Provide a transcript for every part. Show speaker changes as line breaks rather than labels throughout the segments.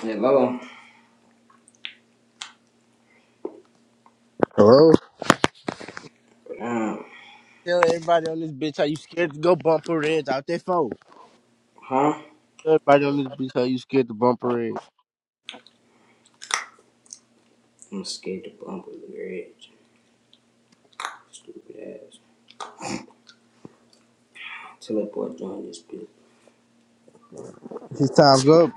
Hello.
Hello?
Um,
Tell everybody on this bitch how you scared to go bump a red out their phone.
huh?
Tell Everybody on this bitch how you scared to bump a red.
I'm scared to bump with the bridge. Stupid ass. Teleport join this bitch.
His time's up.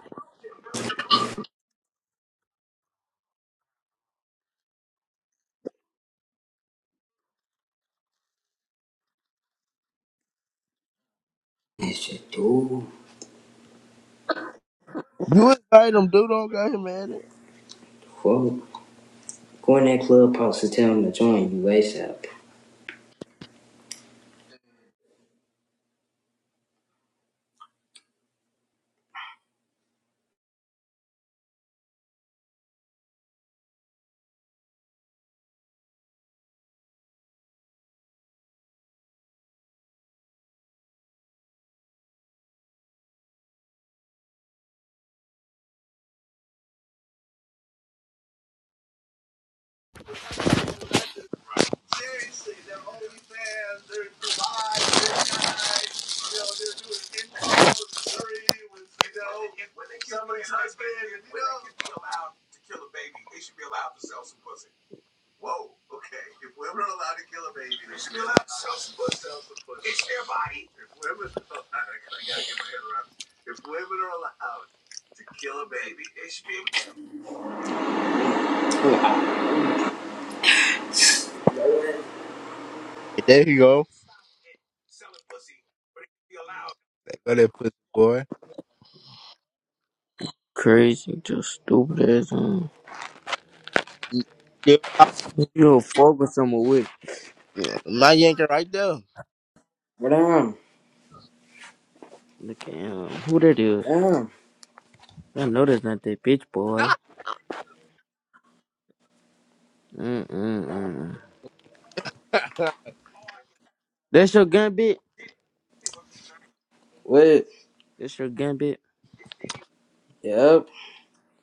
That shit, dude.
You invite him, dude. Don't got him at it.
Fuck. Go in that clubhouse and tell him to join you ASAP.
Hey, There you go. There go that pussy boy.
Crazy, just stupid ass. Um,
You Still talking.
you do fuck with someone with.
Yeah, My yanker right there.
What down?
Look at him. Who that is?
Down.
I know that's not that bitch, boy. Mm-mm-mm. That's your gun, bitch.
What?
That's your gun, bitch.
Yep.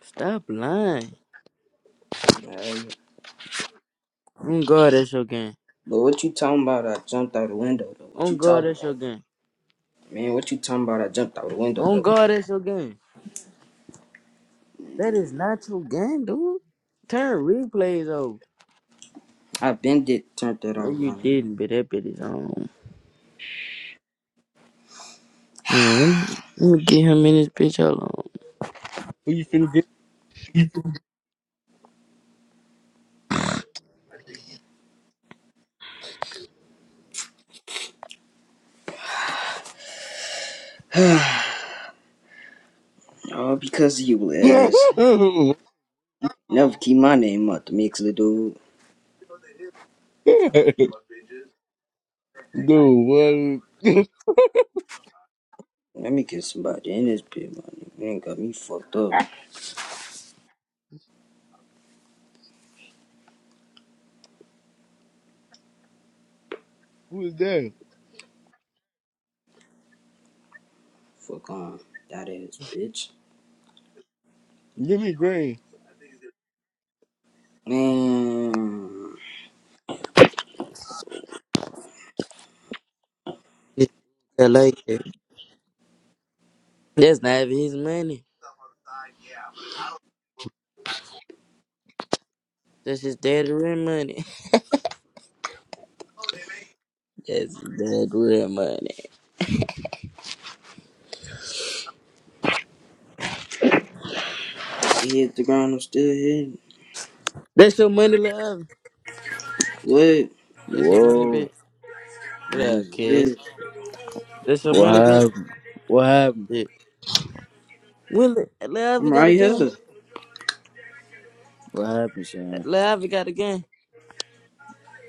Stop lying.
Man.
On God, that's your gun.
But what you talking about? I jumped out the window though. What
On
you
God,
talking
that's your
about?
gun.
Man, what you talking about? I jumped out the window
On
though.
God, that's your gun. That is not your gun, dude. Turn replays off.
I been did turned that
No,
off,
you
my
didn't,
nigga.
but that bitch is on. Mm, Let me let me get him in this bitch. Hold on.
Who you finna
Oh, because of you,
get?
ass. Never keep my name out the mix, little dude.
Dude, what?
Let me get somebody in this bitch, my nigga. You ain't got me fucked up.
Who is that?
Fuck on. That ass bitch.
Give me green.
Man.
I like that. That's not even his money. That's just dead real money. That's dead real money.
He hit the ground, I'm still hitting.
That's your money, love.
What?
That's your money,
Whoa.
bitch. What up,
Man,
kids?
yeah.
That's your
What
money, bitch.
happened? What happened?
Yeah. When love, we
I'm
got a
right
gun.
here.
What happened, Shane?
Love, we got a gun.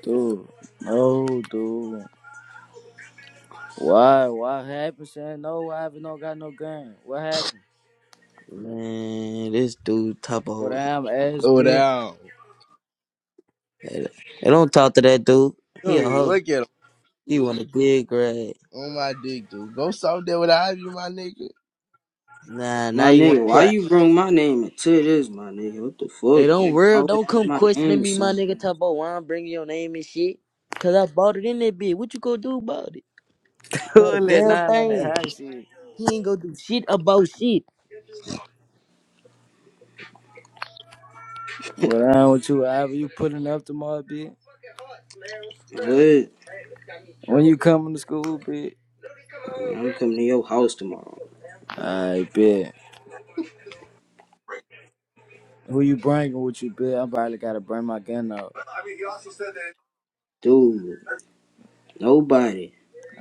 Dude. No, dude. Why? What happened, Shane? No, what happened? Don't got no gun. What happened?
Man, this dude top of
What
hoe.
I'm ass
Oh,
bit?
now.
Hey, hey, don't talk to that dude. He a
Dude,
hoe.
look at him.
He want a big grade.
On my dick, dude. Go solve that with an Ivy, my nigga.
Nah, now
My
you want to
nigga, why
put.
you bring my name into this, my nigga? What the
Hey,
fuck?
don't
You
worry.
always
Don't
get
come
my name
questioning
in
me, my
something.
nigga. Talk about why I'm bringing your name and shit. Cause I bought it in that bitch. What you gonna do about it? Not a
Who let
damn
nine on that
thing.
high shit?
He ain't gonna do shit about shit.
What I'm with you, Ivy? You putting up tomorrow, bit?
What?
When you coming to school, bit?
Man, I'm coming to your house tomorrow.
I bet. Who you bringing with you, bit? I probably gotta bring my gun out.
Dude, nobody.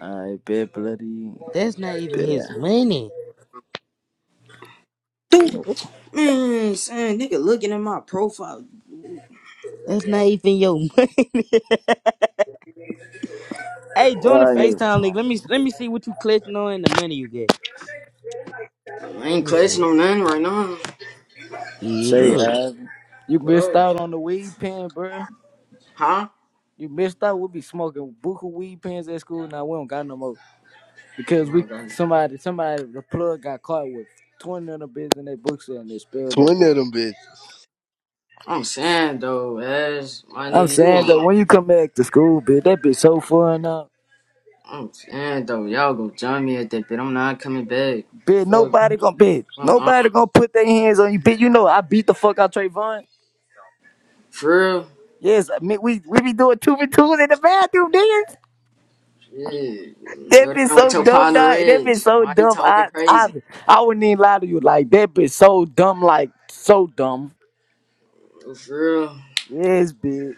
I bet, bloody.
That's not even his
Bet.
money.
Dude, man, son, nigga looking at my profile.
That's not even your money. hey, join the
Why?
FaceTime link. Let me let me see what you clutching on and the money you gave.
I ain't
Let me see.
clutching on nothing right now.
Yeah,
Say,
look.
uh, you
What
missed
up?
out on the weed pen, bruh.
Huh?
You missed out. We be smoking buku weed pens at school. Now we don't got no more
I
because we
don't got.
somebody somebody the plug got caught with twenty of the bitch in their books and they spilled that
Twin of
boy.
them bitches.
I'm saying though, as my
I'm
nigga, you
saying
on.
that when you come back to school, bitch, that bitch so fun now.
I'm saying though, y'all go join me at that bit. I'm not coming back.
Bitch,
Fuck,
nobody gonna bitch.
I'm on.
Nobody gonna put their hands on you, bitch. You know I beat the fuck out Trayvon.
For real?
Yes, I mean, we we be doing two v twos in the bathroom, nigga.
Shit.
That
Go
bitch
down with
so
your
dumb, dog.
partner
That
Reg.
bitch so
Why you
dumb.
talking
I, I,
crazy?
I wouldn't even lie to you. Like that bitch so dumb, like so dumb.
For real?
Yes, bitch.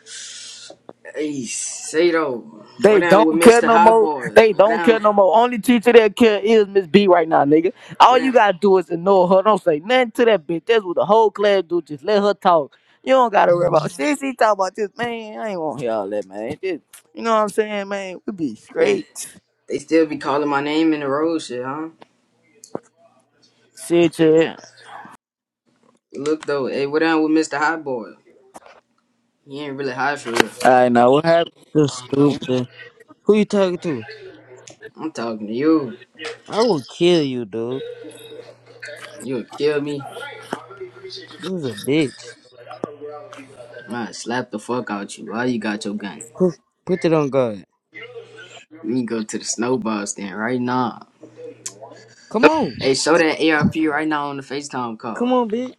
Hey, say though, what
They
down with
don't care
Mr.
no
Hot
more.
Boy?
They
What
don't care
down?
no more. Only teacher that care is Miss B right now, nigga. All
What
you
down?
gotta do is ignore her. Don't say nothing to that bitch. That's what the whole class do. Just let her talk. You don't gotta worry about shit. She talk about this, man. I ain't want to hear all that, man. Just, you know what I'm saying, man? We be
Hey,
straight.
they still be calling my name in the road shit, huh?
Shit, yeah.
Look though, hey, what down with Mr. Hot Boy? He ain't really hot for real.
I know what happened.
you stupid. Who you talking to?
I'm talking to you.
I will kill you, dude.
You'll kill me.
You was a bitch.
Man, slap the fuck out you. Why you got your gun?
Put put it on God.
We can go to the snowball stand right now.
Come on.
Hey, show that ARP right now on the FaceTime
Come
call.
on, bitch.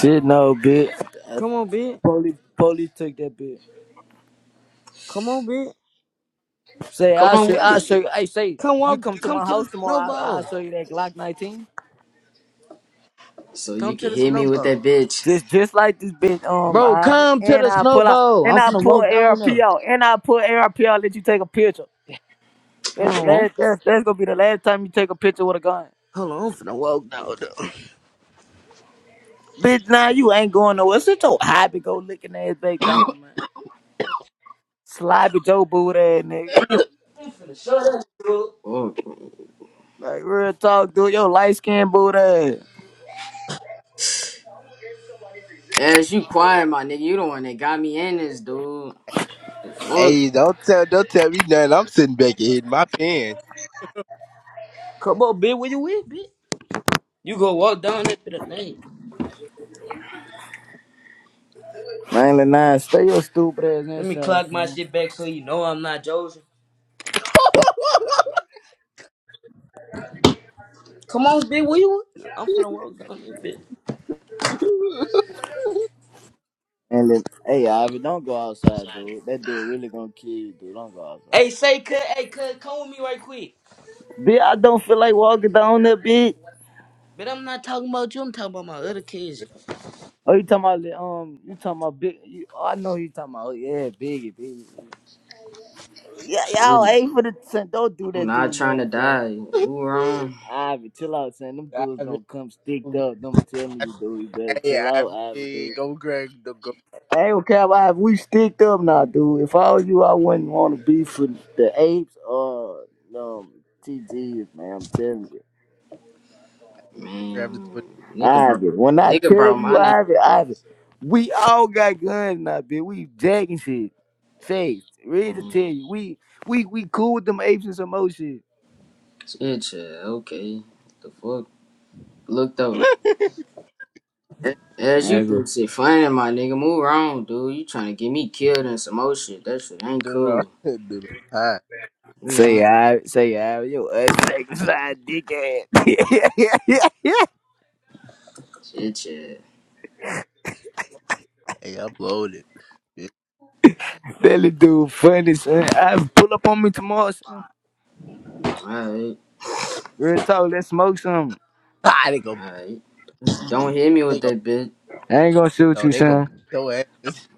Shit, no, bitch.
Come on, bitch.
Police, police took that bitch.
Come on, bitch.
Say,
Come
I'll
on
show you,
with
I'll
it.
show you. Hey, say,
Come walk
you come to
come
my
to the
house tomorrow, I, I'll
snowball.
show you that Glock 19.
So
Come
you
to
can
the
hit me with
snowball.
that bitch.
Just just like this bitch, um,
Bro,
Ivy.
come to
And
the
I pull out,
snowball.
and
I'm
I
finna
pull
walk down
ARP
there.
out, and I pull ARP out, let you take a picture. That's the
Come on,
last, that's, that's gonna be the last time you take a picture with a gun.
Hold on, I'm finna walk down there.
Bitch, nah, you ain't going nowhere. Sit your hobby go licking ass back down, man. Sloppy Joe boot ass nigga.
I'm finna show that girl.
Oh.
Like real talk, dude. Yo, light skin boot ass.
As you quiet, my nigga. You the one that got me in this, dude. The fuck?
Hey, don't tell don't tell me nothing. I'm sitting back here hitting my pen.
Come on, bitch, where you with, bitch? You go walk down that for the name.
Man, nah, stay your stupid ass
Let me
inside,
clock my
son.
shit back so you know I'm not joking. Come on, bitch, where you with? I'm finna walk down that bitch.
And then, hey, Ivy, don't go outside, dude. That dude really gonna kill you, dude. Don't go
Hey,
outside.
say cut, hey, cut, come with me right quick.
Bitch, I don't feel like walking down that bitch.
But I'm not talking about you, I'm talking about my other kids.
Oh, you talking about the, um? You talking about big? You, oh, I know who you talking about. Oh, yeah, Biggie, Biggie. Biggie. Yeah,
Shit,
y'all
no.
ain't for the son. Don't do
I'm
that,
not
dude.
trying to
Nothing, son.
die. Who wrong?
Ivy, chill out, son. Them
I
dudes
mean,
gonna come sticked up. Them telling you, dude. You better
hey,
chill
I
out, Ivy, dude.
mean, go grab the go
I ain't okay, about Ivy. We sticked up now, dude. If I was you, I wouldn't want to be for the apes or um TGs, man. I'm telling you.
grab
Man.
the Twitter.
Nigga, bro.
Ivan, when I
Nigga,
tell
bro, my
you,
nigga.
Ivan, Ivan, we all got guns now, bitch. We jacking shit. Say, ready to
Man.
tell you, we we we cool with them apes and some more shit.
Shit, yeah, okay. The fuck? Look, though. As you
Ivan,
think shit funny, my nigga. Move around, dude. You trying to get me killed and some more shit. That shit ain't
Dude, I'm-
cool.
dude, I'm hot.
Move
say,
around.
Ivan, say, Ivan, yo, us second side dick ass. that
Shit, shit.
Hey, upload it. It's
little dude funny, son. Ivan, pull up on me tomorrow, son.
Alright.
Real talk, let's smoke some.
hot. They go
Alright. Don't hit me
they
with
go
that bitch.
I ain't gonna shoot
no,
you,
they go
son.
beat your ass.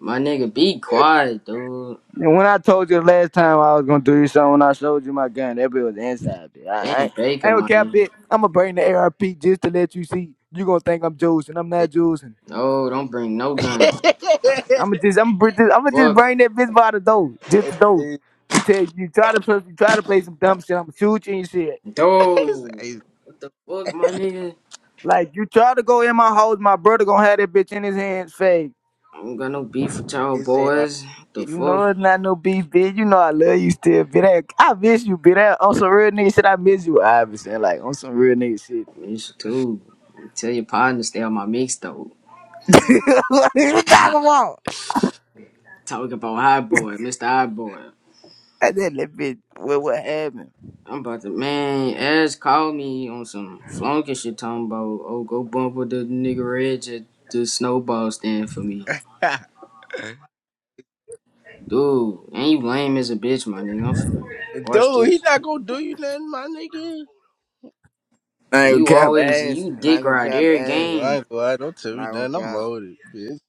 My nigga, be quiet, dude.
And when I told you the last time I was gonna do you something, when I showed you my gun, that bit was inside bitch. I, I,
Damn
ain't- I
Baker,
ain't gonna
my
cap
nigga.
it. I'ma bring the ARP just to let you see. You gonna think I'm juicing. I'm not juicing.
No, don't bring no gun.
it's,
I'ma just, I'ma br- just, I'ma just
Fuck.
bring that bitch by the door, just the door,
it's,
to tell you. You try to play, you try to play some dumb shit. I'ma shoot you and shit.
Dude.
hey,
What the fuck, my nigga?
Like you try to go in my house, my brother gonna have that bitch in his hands, fake.
I don't got no beef with y'all
it's JR.
boys. What the
You
fuck?
know it's not no beef, bitch. You know I love you still, bitch. I I miss you, bitch. On some real nigga shit, I miss you, obviously. Like on some real nigga shit.
It's too. Tell your partner to stay on my mix, though.
what are you talking about?
Talking about high boy, Mr. High boy.
I said that bitch what what happened.
I'm about to man. Ash called me on some flunking shit, talking about oh go bump with the nigga Reg at the snowball stand for me, dude. And you lame as a bitch, my nigga. I'm finna watch
Dude, he
this.
not gonna do you nothing, my nigga.
I ain't
You
gonna cap
always
ass.
you
I
dick
ain't gonna
ride
cap
every
ass.
Dude, I
game.
ain't gonna lie, don't tell me
Not
that.
gonna
I'm
cap.
loaded, bitch.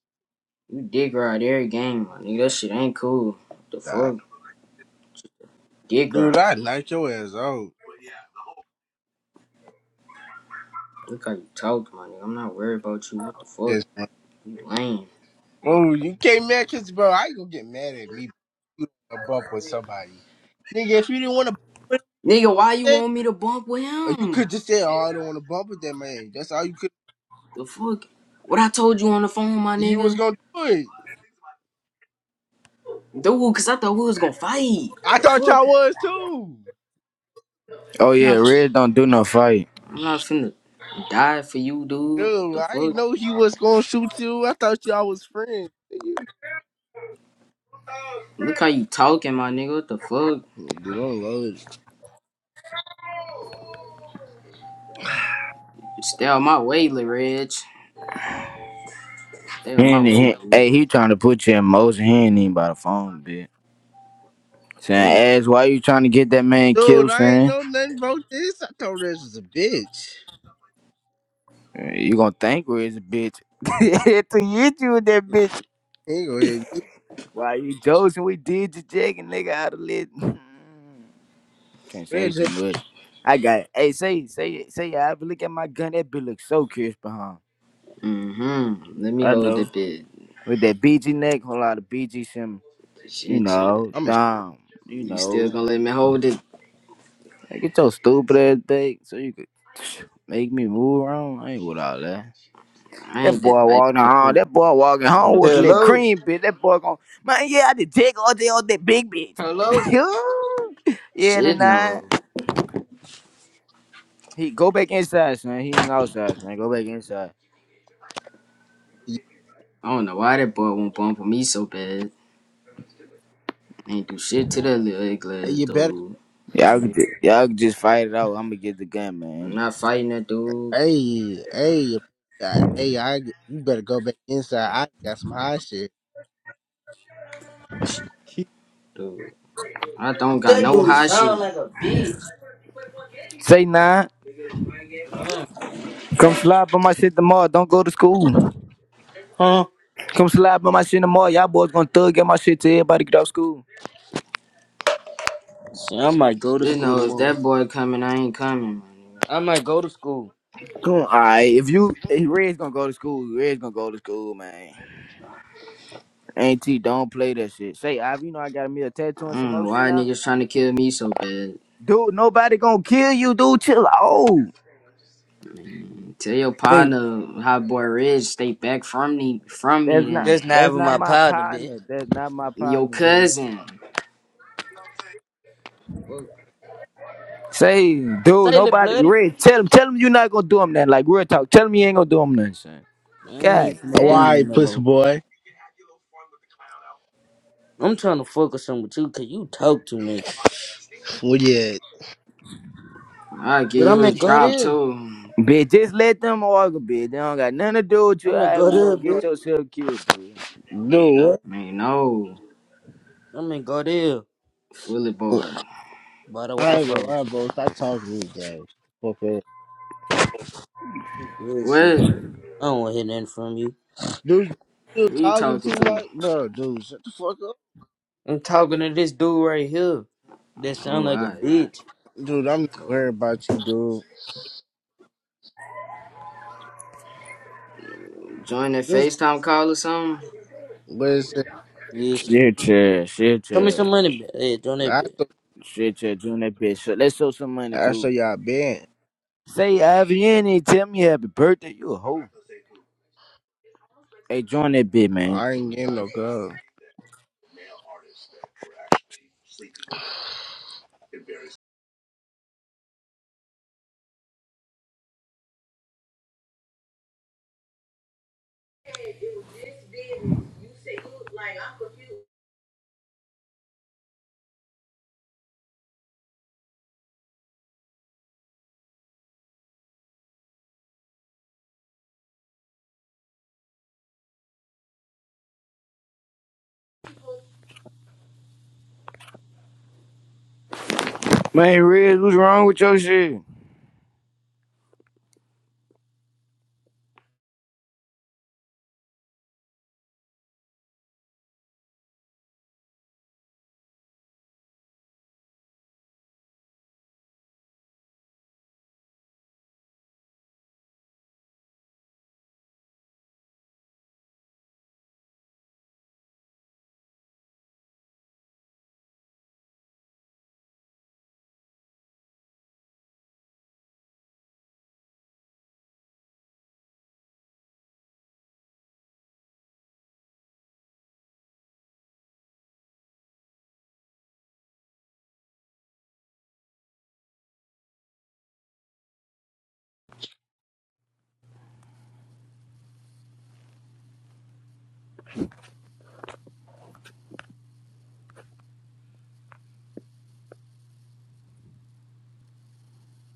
You dick ride every game, my nigga. That shit ain't cool. What the
Nah.
fuck, dick
Dude,
ride.
I knock your ass out.
Look how you talk, my nigga. I'm not worried about you. What the fuck,
This one.
you lame,
Oh, you can't mad because, bro, I ain't gonna get mad at me. You a bump with somebody. Nigga, if you didn't want to bump with
nigga. Why you
that,
want me to bump with
uh, you could
him?
just say, oh, I don't want to bump with that man. That's all you could
The fuck? What I told you on the phone, my
You was
nigga.
gonna do it.
Dude, cause I thought we was gonna fight. What
I
The
thought
fuck?
y'all was too.
Oh
I'm
yeah,
not,
Red don't do no fight.
I'm not finna die for you, dude. What
Dude,
the
I didn't
fuck?
know he was gonna shoot you. I thought y'all was friends.
Look how you talking, my nigga. What the fuck?
Dude, I'm loaded.
Stay out my way, Lil Reg. Stay
He
out my
ain't,
way,
he,
dude.
hey, he trying to put you in motion. He ain't even by the phone, bitch.
Dude.
Saying, ass, why you trying to get that man
Dude,
killed,
I ain't
son?
know nothing about this. I thought this was a bitch.
Uh, You gonna think Red's a bitch. to hit you with that bitch.
He ain't gonna hit me.
Why you joking? We did you jacking nigga out of lit. Can't
Red
say
J,
too much. I got it. Hey, say, say, say, I have a look at my gun. That bitch look so crisp behind.
Mm-hmm. Let me
I
hold the
know.
bitch.
With that BG neck, whole lot of BG sim, you
Shit, shit.
know,
I'm a,
down, you
You still
know.
gonna let me hold it?
Like, get your stupid ass back so you could make me move around. I ain't with all that.
I
That
ain't that
boy
type
walking
of
home,
dude.
that boy walking home
No.
with a little
Hello.
cream bitch. That boy going, man, yeah, I did take all day on that big bitch.
Hello?
yeah, little
Shit, no.
nine. He go back inside, son. He ain't outside, son. Go back inside.
you,
I don't know why that boy won't bump for me so bad. I Ain't do shit to that little egg
Hey,
glass,
you better,
dude. My
Y'all can
nigga.
just, y'all can just fight it out. I'm gonna get the gun,
I'm
man.
not fighting that dude.
hey, hey, uh, hey, I get, you better go back inside. I got some high shit. He-
Dude. I don't got
That
no
dude
hot
sound
shit.
like a bitch.
Say nine. Come slide by my shit tomorrow. Don't go to school.
Huh?
Come slide by my shit tomorrow. Y'all boys gonna thug at my shit till everybody get out of school.
See, I might go to
Just
school
know, if
tomorrow.
that boy coming, I ain't coming, man.
I might go to school.
Come on, alright. If you if Red's gonna go to school, Red's gonna go to school, man. Auntie, don't play that shit. Say, i you know I got me a tattoo
I
and some
don't
more
know
shit
why
now.
niggas trying to kill me so bad.
Dude, nobody gonna kill you, dude. Chill out.
Man, tell your
Say,
partner, hot boy Ridge, stay back from me, from
that's
me
not
then.
Just not
that's
with
not
my
my
partner, bitch.
partner. That's not my
Your
partner, dude.
cousin. Fuck,
Say,
Say
dude,
it
nobody.
bloody.
Red, tell him, tell him you're not gonna do him nothing. Like real talk, tell him you ain't gonna do him nothing, son.
I ain't
God
even finna
Oh, all
do
damn,
you
right,
no more.
pussy boy.
I'm trying to focus on with you because you talk too much.
Well, yeah,
I'll give
But
you
I'm
his
in God
job
here.
too.
bitch, just let them argue, bitch. They don't got nothing to do with you.
I'm in
however
God
You gonna
here, bro.
get yourself killed, dude.
dude.
Man, no.
I'm in God here.
Fully
what?
boy.
By the
I
Wi
ain't gonna
Fi's.
lie, bro. Stop talking to me, gang. Fuck up.
Bullshit.
What?
I don't want to hear nothing from you.
Dude, you
Who you
talking
talking
too
to?
much, bro. Dude, shut the fuck up,
I'm talking to this dude right here. That sound
Oh,
like a
alright.
bitch.
dude. I'm not worried about you, dude.
Join that
This.
FaceTime call or something?
But it's
Yeah. sh-
Shit, yeah, shit,
Tell me
yeah,
some money, bitch. Hey, join that
I
bitch.
show,
shit, yeah. Doing that bitch. So let's show some money
I show
too.
y'all been.
Say, Ivy, you ain't even tell me happy birthday. You a hoe. Hey, join that bitch, man.
I ain't getting no girl.
Man, Red, what's wrong with your shit?